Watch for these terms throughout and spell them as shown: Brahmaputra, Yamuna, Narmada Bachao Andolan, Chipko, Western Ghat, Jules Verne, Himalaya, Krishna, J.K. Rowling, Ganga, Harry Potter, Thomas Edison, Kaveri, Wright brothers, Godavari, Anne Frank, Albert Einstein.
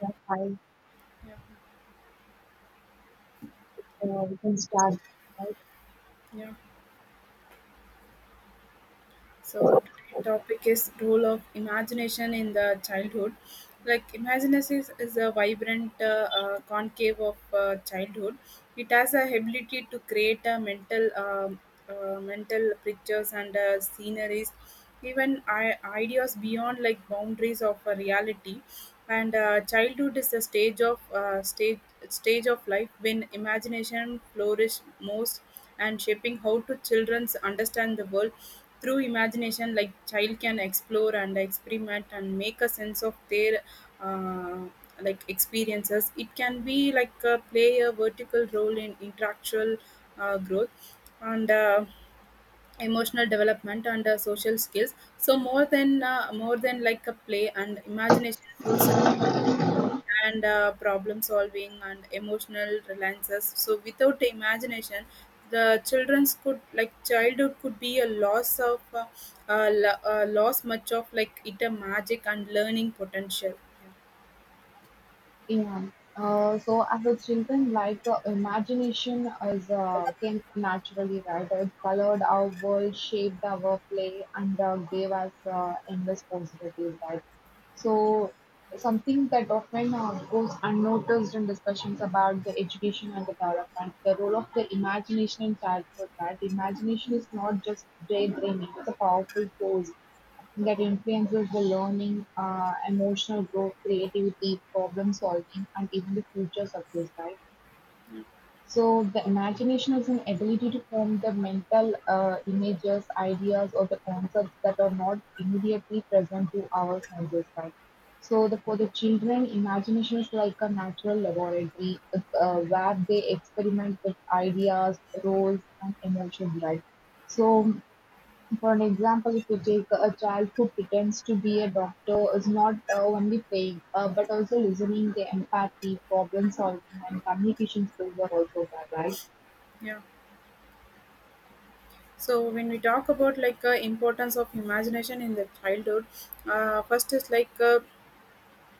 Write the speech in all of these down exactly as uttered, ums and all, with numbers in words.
Yeah, hi, Yeah. uh, we can start. Right? Yeah. So today's topic is role of imagination in the childhood. Like imagination is, is a vibrant uh, uh, concave of uh, childhood. It has the ability to create a mental um uh, mental pictures and uh, sceneries, even I- ideas beyond like boundaries of a reality. And uh, childhood is the stage of uh, stage stage of life when imagination flourish most and shaping how to children's understand the world through imagination, like child can explore and experiment and make a sense of their uh, like experiences. It can be like uh, play a vertical role in intellectual uh, growth and uh, emotional development and uh, social skills. So more than uh, more than like a play and imagination fuels. A and uh, problem solving and emotional reliances, so without imagination the children's could like childhood could be a loss of uh, uh, lo- uh, loss much of like it a magic and learning potential. Yeah. Uh, so as a children, like uh, imagination is uh, came naturally, right? It colored our world, shaped our play, and uh, gave us uh, endless possibilities, right? So something that often uh, goes unnoticed in discussions about the education and the development, the role of the imagination in childhood, right? Imagination is not just daydreaming; it's a powerful force that influences the learning, uh, emotional growth, creativity, problem solving, and even the future success, right? So the imagination is an ability to form the mental uh, images, ideas, or the concepts that are not immediately present to our senses, right? So the, for the children, imagination is like a natural laboratory. It's uh, where they experiment with ideas, roles, and emotions, right? So for an example, if you take a child who pretends to be a doctor is not uh, only playing uh, but also listening, the empathy, problem solving, and communication skills are also there, right? Yeah. So when we talk about like uh, importance of imagination in the childhood, uh, first is like uh,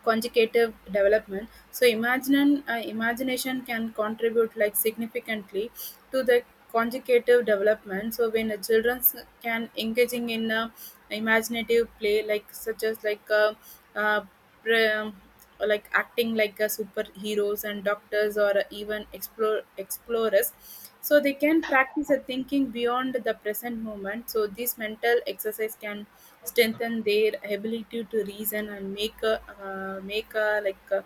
conjugative development. So imagine uh, imagination can contribute like significantly to the conjugative development. So when the children can engaging in a imaginative play like such as like uh, uh, pre- um, like acting like a superheroes and doctors or even explore explorers, so they can practice a thinking beyond the present moment. So this mental exercise can strengthen their ability to reason and make a, uh, make a, like uh,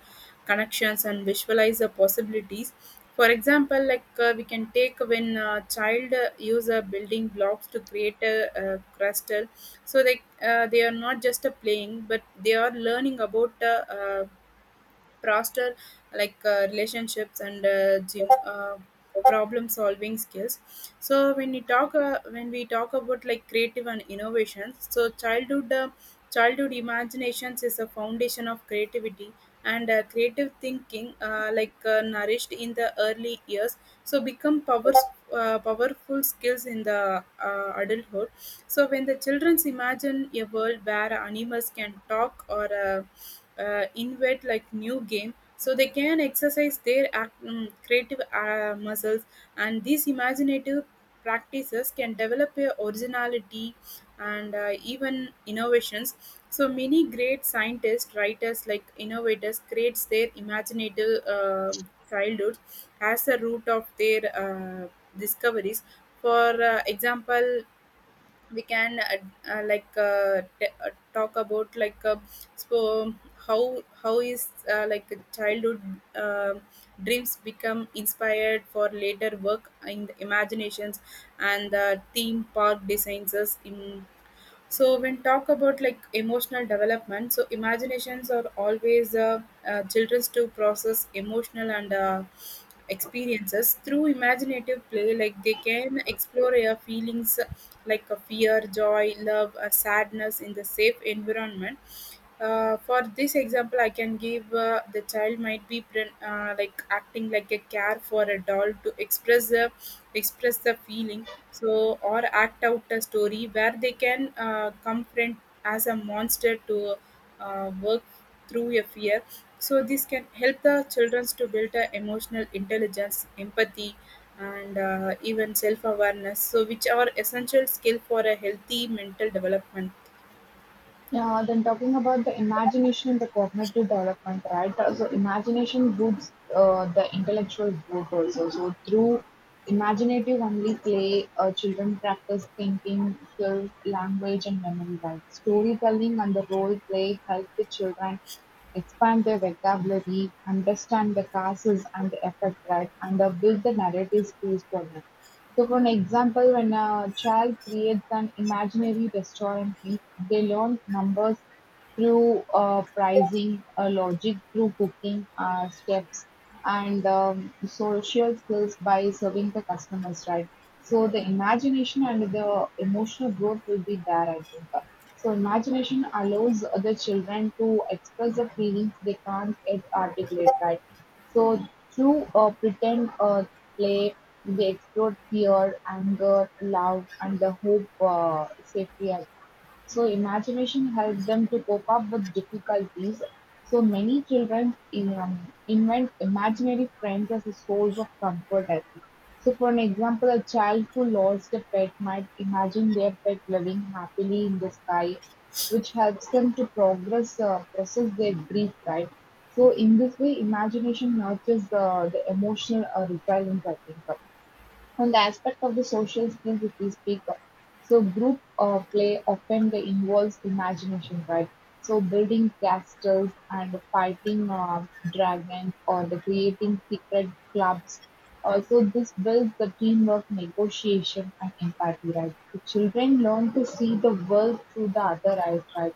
connections and visualize the possibilities. For example, like uh, we can take when a child uh, use a building blocks to create a, uh crystal. So they uh, they are not just uh, playing, but they are learning about uh, uh, faster, like uh, relationships and uh, gym, uh, problem solving skills. So when we talk uh, when we talk about like creative and innovations. So childhood uh, childhood imaginations is a foundation of creativity, and uh, creative thinking uh, like uh, nourished in the early years, so become power, uh, powerful skills in the uh, adulthood. So when the children imagine a world where animals can talk or uh, uh, invent like new game, so they can exercise their act- mm, creative uh, muscles, and these imaginative practices can develop a originality and uh, even innovations. So many great scientists, writers, like innovators, creates their imaginative um childhood as the root of their uh, discoveries. For uh, example, we can uh, uh, like uh, t- uh, talk about like uh, so how how is uh, like a childhood uh, dreams become inspired for later work in the imaginations and the theme park designs in. So when talk about like emotional development, so imaginations are always uh, uh, children's to process emotional and uh, experiences through imaginative play. Like they can explore their feelings uh, like a fear, joy, love, or sadness in the safe environment. Uh, for this example, I can give uh, the child might be pre- uh, like acting like a care for a doll to express the express the feeling. So or act out a story where they can uh, confront as a monster to uh, work through a fear. So this can help the children to build a emotional intelligence, empathy, and uh, even self awareness. So which are essential skill for a healthy mental development. Yeah, then talking about the imagination and the cognitive development, right? Uh, So imagination boosts uh, the intellectual growth also. So through imaginative only play, uh, children practice thinking, skill, language, and memory. Right? Storytelling and the role play help the children expand their vocabulary, understand the causes and the effect, right, and uh, build the narrative skills for them. So for an example, when a child creates an imaginary restaurant list, they learn numbers through uh, pricing, uh, logic through cooking uh, steps, and um, social skills by serving the customers, right? So the imagination and the emotional growth will be there, I think. So imagination allows the children to express the feelings they can't yet articulate, right? So through uh, pretend uh, play they explore fear, anger, love, and the hope uh, safety. So imagination helps them to cope up with difficulties. So many children um, invent imaginary friends as a source of comfort. I think. So for an example, a child who lost a pet might imagine their pet living happily in the sky, which helps them to progress uh, process their grief. Right. So in this way, imagination nurtures the, the emotional uh, resilience. I think. On the aspect of the social skills if we speak, of, so group uh, play often they involves imagination, right? So building castles and fighting uh, dragons or the creating secret clubs. Also, this builds the teamwork, negotiation, and empathy, right? So children learn to see the world through the other eyes, right?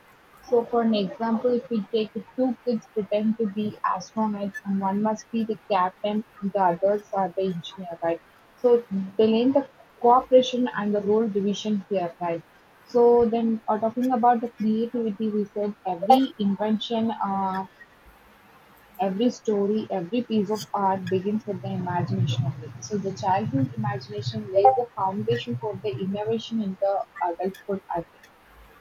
So for an example, if we take two kids pretend to be astronauts and one must be the captain, the others are the engineer, right? So they learn the cooperation and the role division here, right? So then, uh, talking about the creativity, we said every invention, uh, every story, every piece of art begins with the imagination of it. So the childhood imagination lays the foundation for the innovation in the adulthood, I think.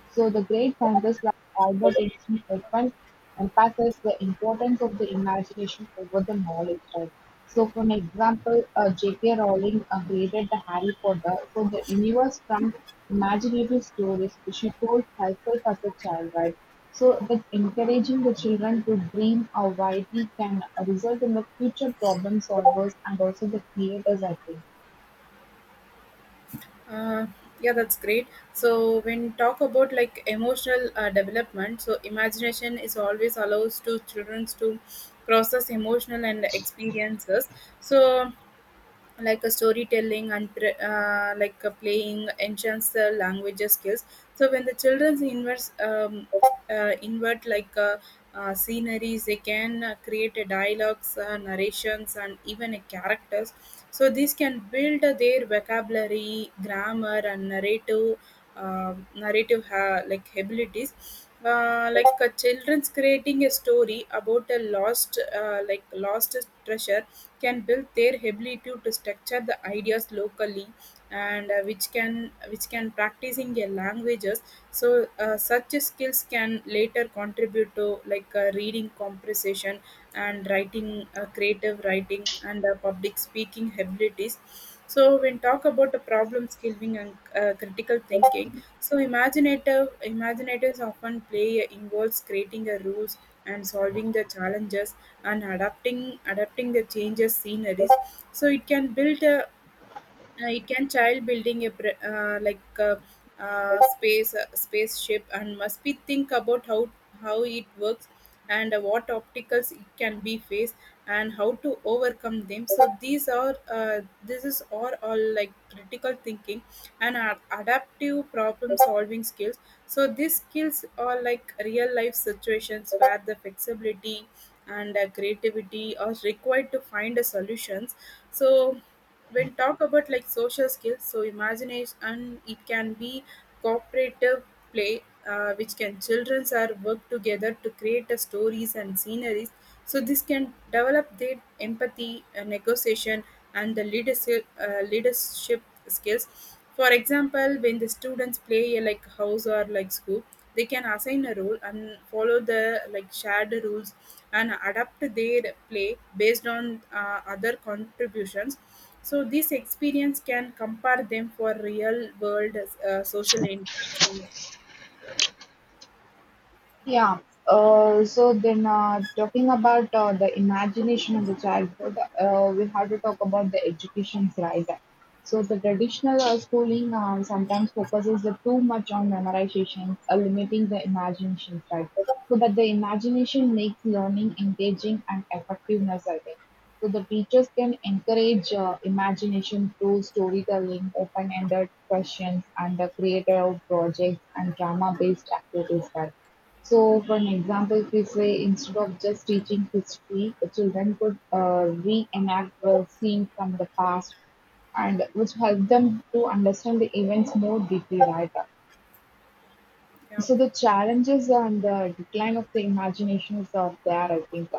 So the great scientists like Albert Einstein often emphasized the importance of the imagination over the knowledge, right? So, for an example, uh, J K. Rowling uh, created the Harry Potter, so the universe from imaginative stories she told herself as a child, right? So, that encouraging the children to dream uh, widely can uh, result in the future problem solvers and also the creators, I think. Uh, yeah, that's great. So when talk about like emotional uh, development, so imagination is always allows to children to process emotional and experiences. So like a storytelling and pre- uh, like a playing enhance the language skills. So when the children invert, um, uh, invert like uh, uh, sceneries, they can uh, create a dialogues, uh, narrations, and even a characters. So these can build uh, their vocabulary, grammar, and narrative um narrative ha- like abilities, uh, like a children's creating a story about a lost uh, like lost treasure can build their ability to structure the ideas locally, and uh, which can which can practicing their languages. So uh, such skills can later contribute to like uh, reading comprehension and writing, uh, creative writing, and uh, public speaking abilities. So when talk about the problem solving and uh, critical thinking, so imaginative imaginatives often play involves creating a rules and solving the challenges and adapting adapting the changes sceneries. So it can build a uh, it can child building a br- uh, like uh, uh, space uh, spaceship, and must be think about how how it works and uh, what obstacles it can be faced and how to overcome them. So these are uh, this is all, all like critical thinking and ad- adaptive problem solving skills. So these skills are like real life situations where the flexibility and uh, creativity are required to find a solutions. So when talk about like social skills, so imagination it can be cooperative play, uh, which can childrens are work together to create a stories and sceneries. So this can develop their empathy, uh, negotiation, and the leadership uh, leadership skills. For example, when the students play a like house or like school, they can assign a role and follow the like shared rules and adapt their play based on uh, other contributions. So this experience can compare them for real world uh, social interactions. Yeah. Uh, so then, uh, talking about uh, the imagination of the childhood, uh, we have to talk about the education's rise. So the traditional uh, schooling uh, sometimes focuses the too much on memorization, uh, limiting the imagination, right? So that the imagination makes learning engaging and effectiveness, I think. So the teachers can encourage uh, imagination through storytelling, open-ended questions, and the creative projects and drama-based activities, right? So, for an example, if we say instead of just teaching history, the children could uh, reenact the scene from the past, and which help them to understand the events more deeply, right? Yeah, So the challenges and the decline of the imagination is are there, I think.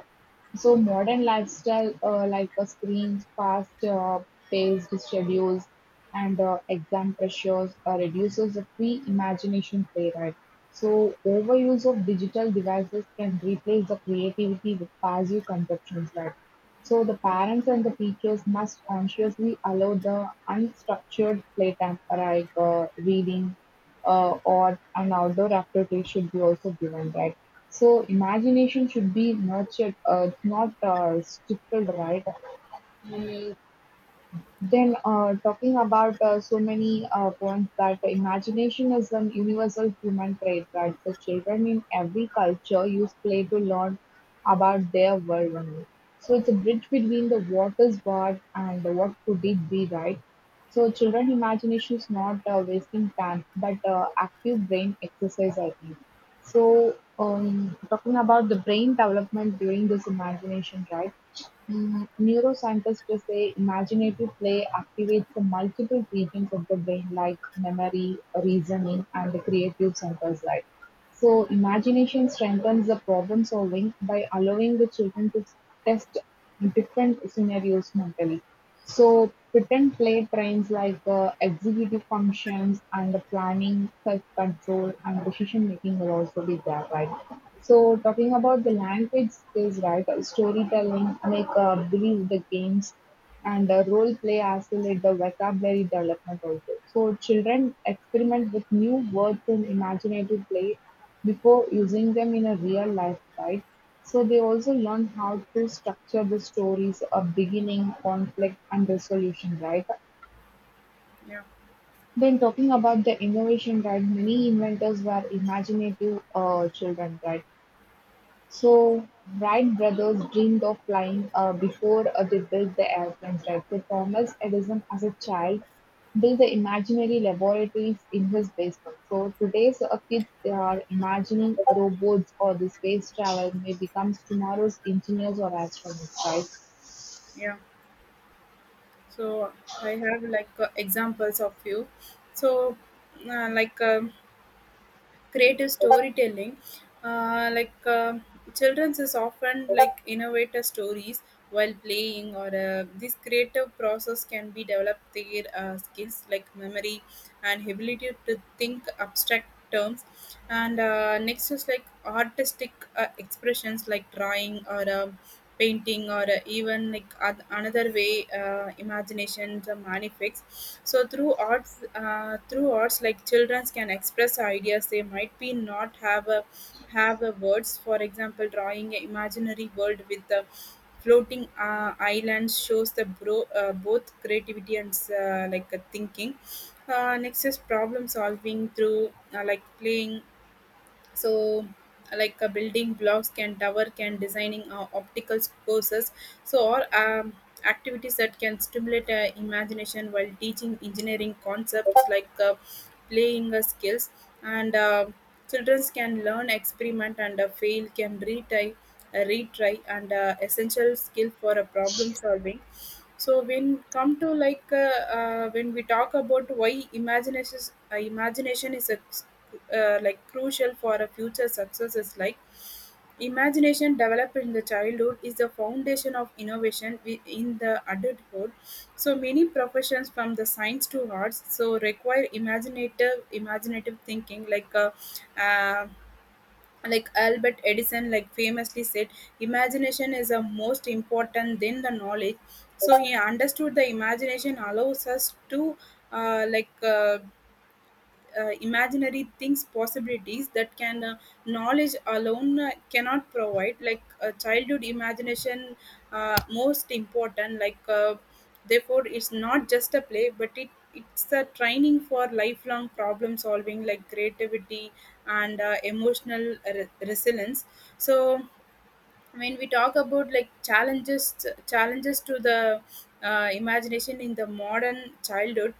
So modern lifestyle, uh, like a screens, fast uh, paced schedules, and uh, exam pressures, uh, reduces the free imagination play right. So overuse of digital devices can replace the creativity with passive consumptions, right? So the parents and the teachers must consciously allow the unstructured playtime, like uh, reading uh, or an outdoor activity should be also given, right? So imagination should be nurtured, uh, it's not uh, stifled, right? Mm, then, uh, talking about uh, so many uh, points that imagination is an universal human trait, right? The children in every culture use play to learn about their world only. So it's a bridge between the what is what and the what could it be, right? So children imagination is not uh, wasting time, but uh, active brain exercise, I think. So um, talking about the brain development during this imagination, right? Mm, neuroscientists just say imaginative play activates the multiple regions of the brain like memory, reasoning, and the creative centers, right? So imagination strengthens the problem solving by allowing the children to test different scenarios mentally. So pretend play trains like uh, executive functions and the planning, self-control, and decision-making will also be there, right? So talking about the language skills, right? uh, Storytelling, make uh, believe the games, and uh, role play as well the vocabulary development also. So children experiment with new words in imaginative play before using them in a real life, right? So they also learn how to structure the stories of beginning, conflict, and resolution, right? yeah, Then talking about the innovation, right? Many inventors were imaginative uh, children, right? So Wright brothers dreamed of flying uh, before uh, they built the airplanes. Right? they Thomas Edison, as a child, built the imaginary laboratories in his basement. So today, so uh, kids they are imagining robots or the space travel may become tomorrow's engineers or astronauts, right? yeah. So I have like uh, examples of few. So uh, like. Um, creative storytelling, uh, like uh, children's is often like innovative stories while playing, or uh, this creative process can be developed their uh, skills like memory and ability to think abstract terms. And uh, next is like artistic uh, expressions like drawing or uh, painting or uh, even like oth- another way uh, imaginations uh, manifests. So through arts, uh, through arts like children can express ideas they might be not have a have a words. For example, drawing an imaginary world with the floating uh, islands shows the bro- uh, both creativity and uh, like uh, thinking. Uh, next is problem solving through uh, like playing. So like uh, building blocks can tower can designing uh, optical courses. So or um, activities that can stimulate uh, imagination while teaching engineering concepts like uh, playing uh, skills, and uh, children can learn experiment and uh, fail can retry uh, retry, and uh, essential skill for a problem solving. So when come to like uh, uh, when we talk about why imagination is, uh, imagination is a, uh, like crucial for a future success is like imagination developed in the childhood is the foundation of innovation wi- in the adulthood. So many professions from the science to arts so require imaginative imaginative thinking, like uh, uh, like Albert Edison like famously said imagination is the most important than the knowledge. So he understood the imagination allows us to uh, like uh, uh, imaginary things possibilities that can uh, knowledge alone uh, cannot provide, like uh, childhood imagination uh, most important, like uh, therefore it's not just a play, but it it's a training for lifelong problem solving like creativity and uh, emotional re- resilience. So I mean, we talk about like challenges challenges to the uh, imagination in the modern childhood.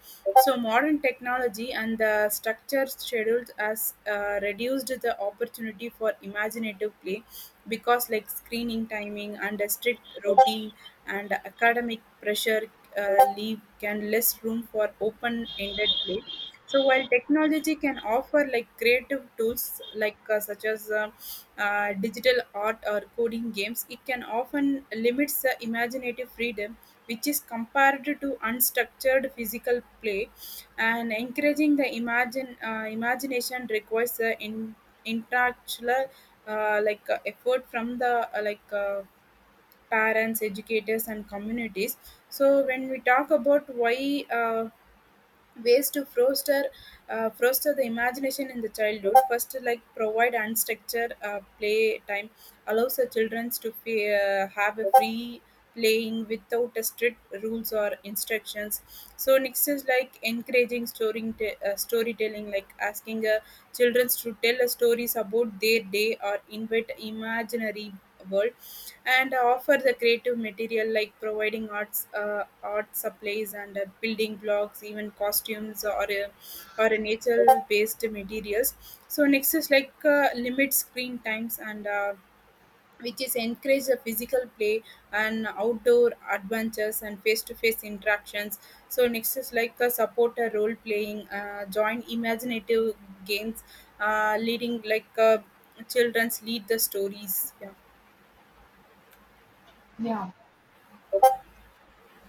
So modern technology and the structure scheduled has uh, reduced the opportunity for imaginative play, because like screening timing and a strict routine and academic pressure uh, leave can less room for open-ended play. So while technology can offer like creative tools like uh, such as uh, uh, digital art or coding games, it can often limits the imaginative freedom, which is compared to unstructured physical play. And encouraging the imagine uh, imagination requires the in, intellectual uh, like uh, effort from the uh, like uh, parents, educators, and communities. So when we talk about why. Uh, ways to foster uh, foster the imagination in the childhood: first, like provide unstructured uh, play time, allows the children to fe- uh, have a free playing without a strict rules or instructions. So next is like encouraging storing t- uh, storytelling, like asking a children to tell stories about their day or invent imaginary world, and offer the creative material, like providing arts uh, art supplies and uh, building blocks, even costumes or uh, or a nature based materials. So next is like uh, limit screen times and uh, which is encourage the physical play and outdoor adventures and face-to-face interactions. So next is like a supporter role playing, uh, join imaginative games, uh, leading like uh, children's lead the stories. Yeah. Yeah.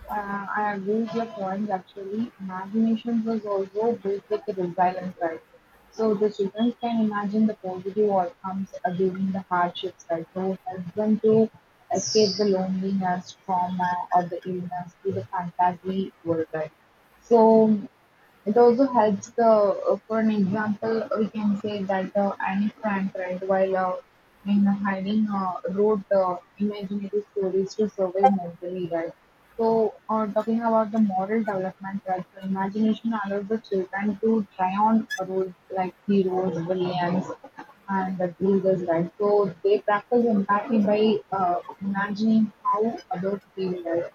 Uh, I agree with your points actually. Imagination was also built with the resilience, right? So the children can imagine the positive outcomes uh, during the hardships, right? So help them to escape the loneliness, trauma, or the illness to the fantasy world, right? So it also helps the uh, for an example we can say that uh, Anne Frank right while uh, in hiding uh, wrote uh, imaginary stories to survive mentally right so, uh, talking about the moral development, right? So, imagination allows the children to try on roles like heroes, villains, and the leaders, right? So, they practice empathy by uh, imagining how others feel, right?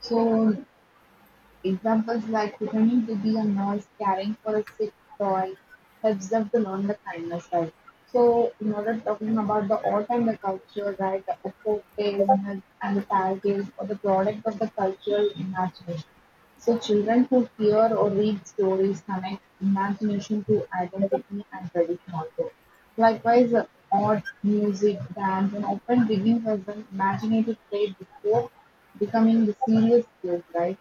So, examples like pretending to be a nurse, caring for a sick toy, helps them to learn the kindness, right? So, in order talking about the art and the culture, right, the folk tales and the fairy tales are the product of the cultural imagination. So, children who hear or read stories connect imagination to identity and tradition also. Likewise, uh, art, music, dance, and often begins as an imaginative play before becoming the serious skills, right?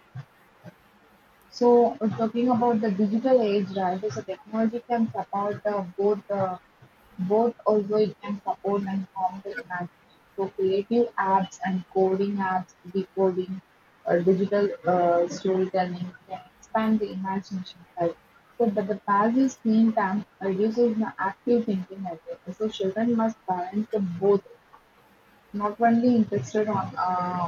So, uh, talking about the digital age, right? So, technology can support uh, both, uh, both also it can support and harm the imagination. So, creative apps and coding apps, decoding, or digital uh, storytelling can expand the imagination, right? So, but the passive screen time reduces the active thinking, I think. So, children must balance the both not only interested on uh,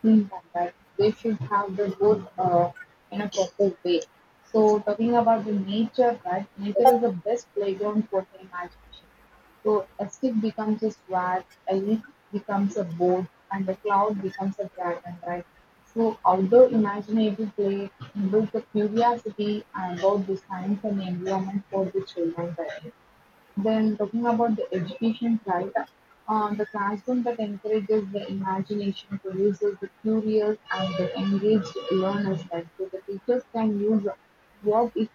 seeing that they should have the both uh, in a proper way. So talking about the nature, right? Nature is the best playground for the imagination. So a stick becomes a sword, a leaf becomes a boat, and a cloud becomes a dragon, right? So outdoor imaginative play builds the curiosity about the science and the environment for the children. Right? Then talking about the education side, uh, the classroom that encourages the imagination produces the curious and the engaged learners. Like so, the teachers can use what if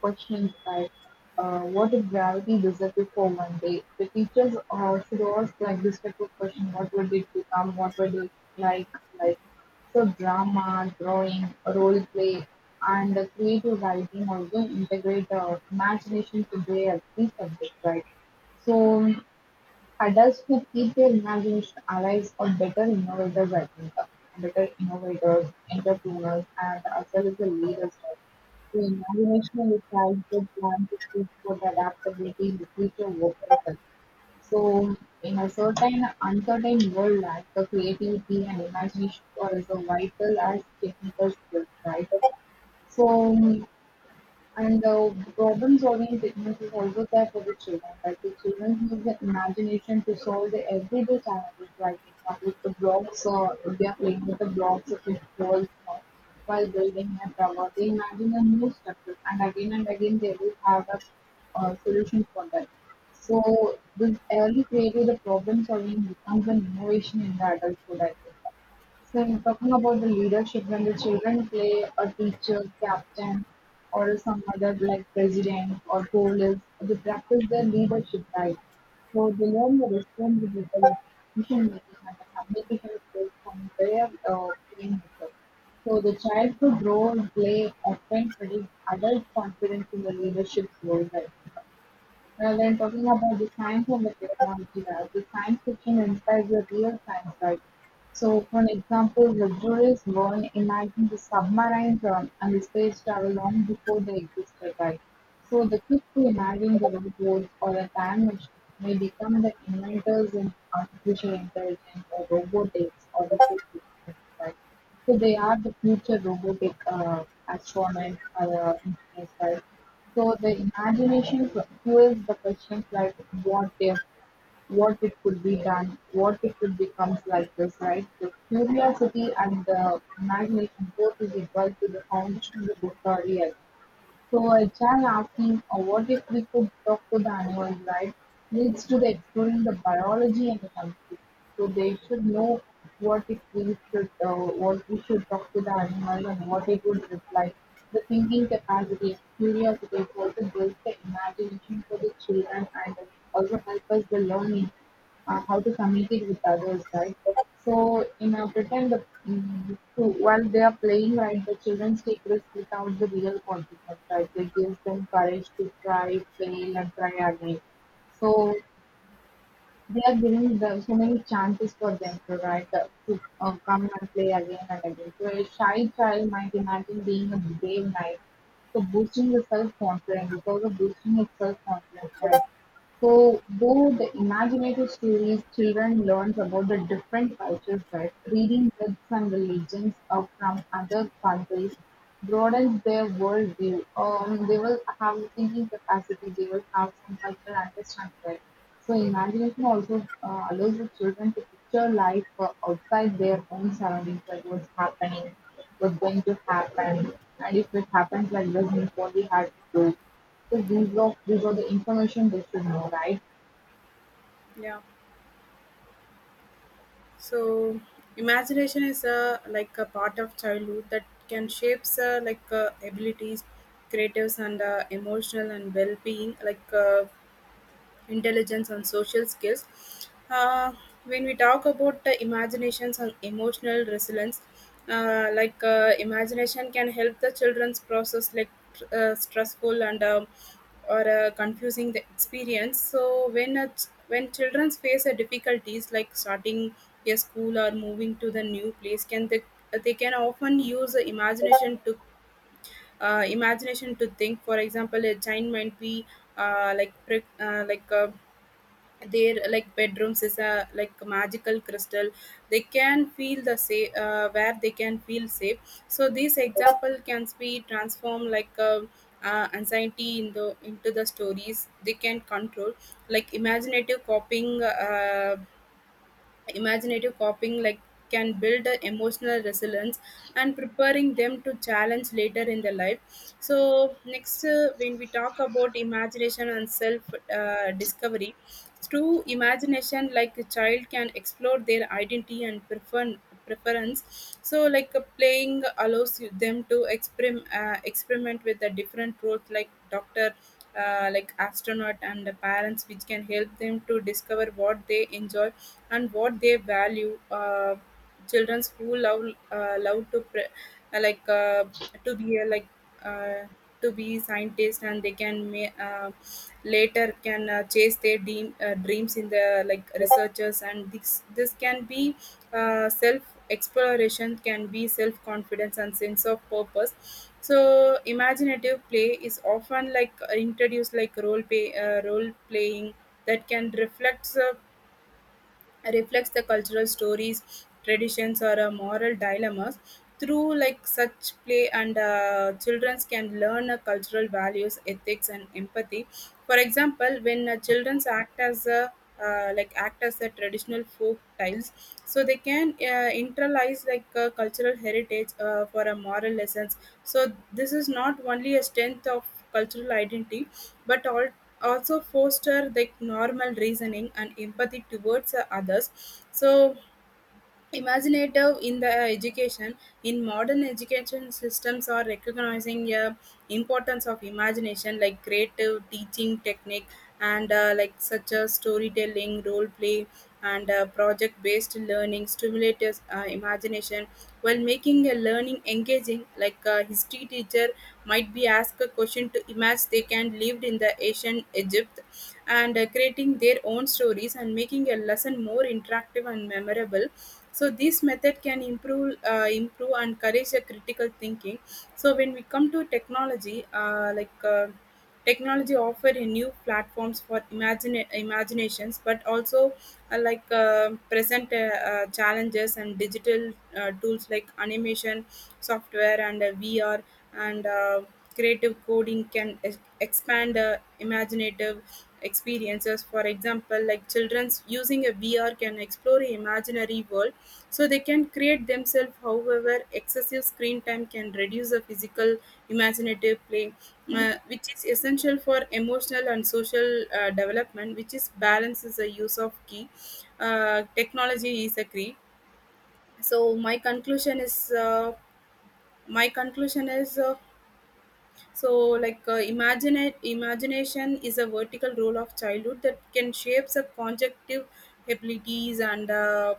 questions like uh, what if gravity disappeared for one day? The teachers uh, should ask like this type of question: What would it become? What would it like? Like so drama, drawing, role play, and creative writing also integrate uh, imagination to their every subject, right? So adults who keep their imagination alive are better innovators, I think, better innovators, entrepreneurs, and as well as the leaders. Right? The imagination is like the plan to keep for the adaptability in the future workplace. So, in a certain uncertain world, like the creativity and imagination are as vital as technical skills, right? So, and uh, problem solving techniques is also there for the children. Like the children use the imagination to solve the everyday challenges, like example, the blocks, or they are playing with the blocks of the walls uh, while building a tower. They imagine a new structure, and again and again they will have a uh, solution for that. So, this early creative the problem solving becomes an innovation in the adulthood, I think. So in talking about the leadership, when the children play a teacher, captain, or some other like president or police, they practice their leadership right. So they learn the responsibility of decision making and the communication skills from their uh, playing method. So the childhood role play often predicts adult confidence in the leadership role, right? Well, when talking about the science and the technology, right, the science fiction inspires the real science, right? So, for an example, the Jules Verne imagined the submarine run and the space travel long before they existed, right? So, the kids who imagine the robots or a time machine may become the inventors in artificial intelligence or robotics or the space exploration, right? So they are the future robotic uh, astronauts or uh, engineers, right? So the imagination fu- fuels the questions like what if, what it could be done, what it could becomes like this, right? The curiosity and the imagination both is equal to the foundation of the discovery, I think. So a child asking, "Oh, what if we could talk to the animals," right? Leads to the exploring the biology and the communication. So they should know what if we should, uh, what we should talk to the animal and what it would reply. The thinking capacity and curiosity is also builds the imagination for the children and also help us the learning uh, how to communicate with others, right? So in a pretend, the, mm, to, while they are playing, right, the children take risks without the real consequence, right? It gives them courage to try, fail, and try again. So they are giving them so many chances for them to write, uh, to uh, come and play again and again. So a shy child might imagine being a brave knight. So boosting the self-confidence, because of boosting the self-confidence, right? So, through the imaginative stories, children learn about the different cultures that reading myths and religions are from other countries broadens their worldview. Um, they will have thinking capacity. They will have some cultural understanding there. So, imagination also uh, allows the children to picture life uh, outside their own surroundings, like what's happening, what's going to happen, and if it happens like this, then what we have to do. So these were these were the information they should know, right? Yeah. So imagination is a like a part of childhood that can shapes uh, like uh, abilities, creatives, and uh, emotional and well-being, like uh, intelligence and social skills. Uh, when we talk about the imaginations and emotional resilience, uh, like uh, imagination can help the children's process like uh, stressful and um, or uh, confusing the experience. So when a ch- when children face a difficulties like starting a school or moving to the new place, can they they can often use the imagination to uh, imagination to think. For example, a child might be uh, like pre- uh, like uh, their like bedrooms is a like magical crystal they can feel the safe uh, where they can feel safe, so this example can be transformed like um uh, anxiety in the into the stories they can control, like imaginative copying uh, imaginative copying like can build a emotional resilience and preparing them to challenge later in their life. So next, uh, when we talk about imagination and self uh, discovery through imagination, like a child can explore their identity and prefer preference. So, like uh, playing allows you- them to experiment uh, experiment with the different roles, like doctor, uh, like astronaut, and the parents, which can help them to discover what they enjoy and what they value. Uh, children who love uh, love to pre- uh, like uh, to be uh, like uh, to be scientists, and they can ma- uh, later can uh, chase their dream, uh, dreams in the like researchers, and this this can be uh, self exploration, can be self confidence and sense of purpose. So imaginative play is often like introduced like role play uh, role playing that can reflect reflects the cultural stories, traditions, or uh, moral dilemmas. Through like such play, and uh, children can learn uh, cultural values, ethics, and empathy. For example, when uh, children act as a uh, like act as a traditional folk tiles, so they can uh, internalize like uh, cultural heritage uh, for a moral lessons. So this is not only a strength of cultural identity, but all also foster the normal reasoning and empathy towards uh, others. So imaginative in the education, in modern education systems are recognizing uh, importance of imagination like creative teaching technique, and uh, like such as storytelling, role play, and uh, project based learning stimulates uh, imagination while making a learning engaging. Like a history teacher might be asked a question to imagine they can lived in the ancient egypt and uh, creating their own stories and making a lesson more interactive and memorable. So this method can improve uh, improve and encourage the critical thinking. So when we come to technology, uh, like uh, technology offer a new platforms for imagine imaginations, but also uh, like uh, present uh, uh, challenges. And digital uh, tools like animation software and uh, VR and uh, creative coding can ex- expand uh, imaginative experiences. For example, like children's using a V R can explore an imaginary world so they can create themselves. However, excessive screen time can reduce the physical imaginative play, uh, which is essential for emotional and social uh, development. Which is balance is the use of key. Uh, technology is a key. So my conclusion is uh, my conclusion is uh, so like uh, imagine imagination is a vertical role of childhood that can shape the conjunctive abilities and uh,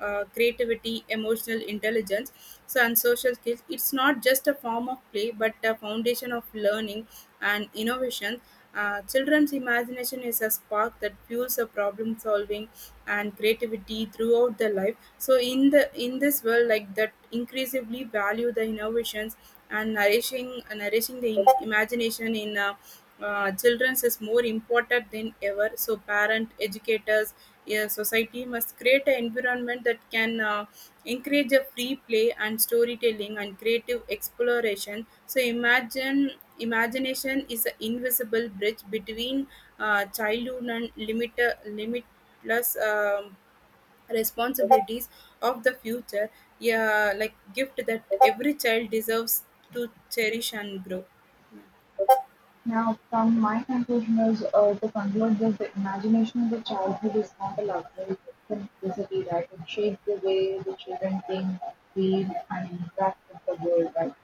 uh, creativity, emotional intelligence, so and social skills. It's not just a form of play, but a foundation of learning and innovation. Uh, children's imagination is a spark that fuels a problem solving and creativity throughout their life. So in the in this world, like that, increasingly value the innovations and nourishing nourishing the im- imagination in. Uh, uh, children's is more important than ever. So parent educators, yeah, society must create an environment that can uh, encourage a free play and storytelling and creative exploration. So imagine imagination is an invisible bridge between uh, childhood and limit, limitless um, responsibilities of the future, yeah, like gift that every child deserves to cherish and grow. Now, from my conclusion is uh, to conclude that the imagination of the childhood is not a luxury, it's a necessity, right? It shapes the way the children think, feel, and interact with the world, right?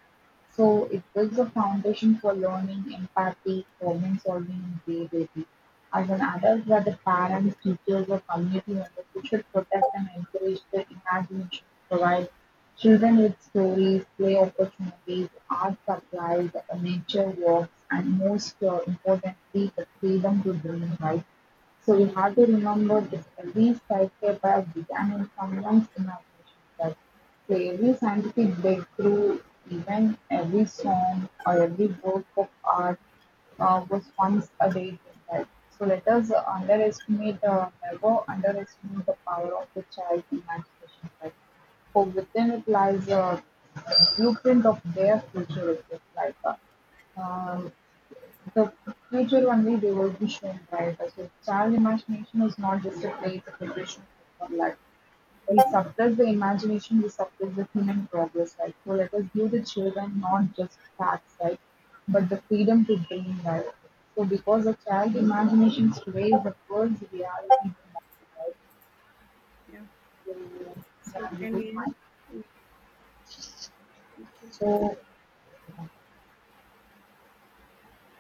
So it builds a foundation for learning, empathy, problem-solving, and creativity. As an adult, where the parents, teachers, or community members we should protect and encourage the imagination, provide children with stories, play opportunities, art supplies, uh, nature walks, and most uh, importantly, the freedom to dream, right? So we have to remember that every skyscraper has began in someone's imagination. That, so every scientific breakthrough, even every song or every work of art uh, was once a daydream, right? So let us uh, underestimate, uh, never underestimate the power of the child's imagination, right? For within it lies a blueprint of their future, itself, like uh, um, the future only they will be shown, right? So child imagination is not just a play, it's a preparation for life. We suppress the imagination, we suppress the human progress, right? So let us give the children not just facts, right? But the freedom to dream, right? So because the child imagination sways the world's reality tomorrow, right? Yeah, So so yeah, this is can we my conclusion. okay. So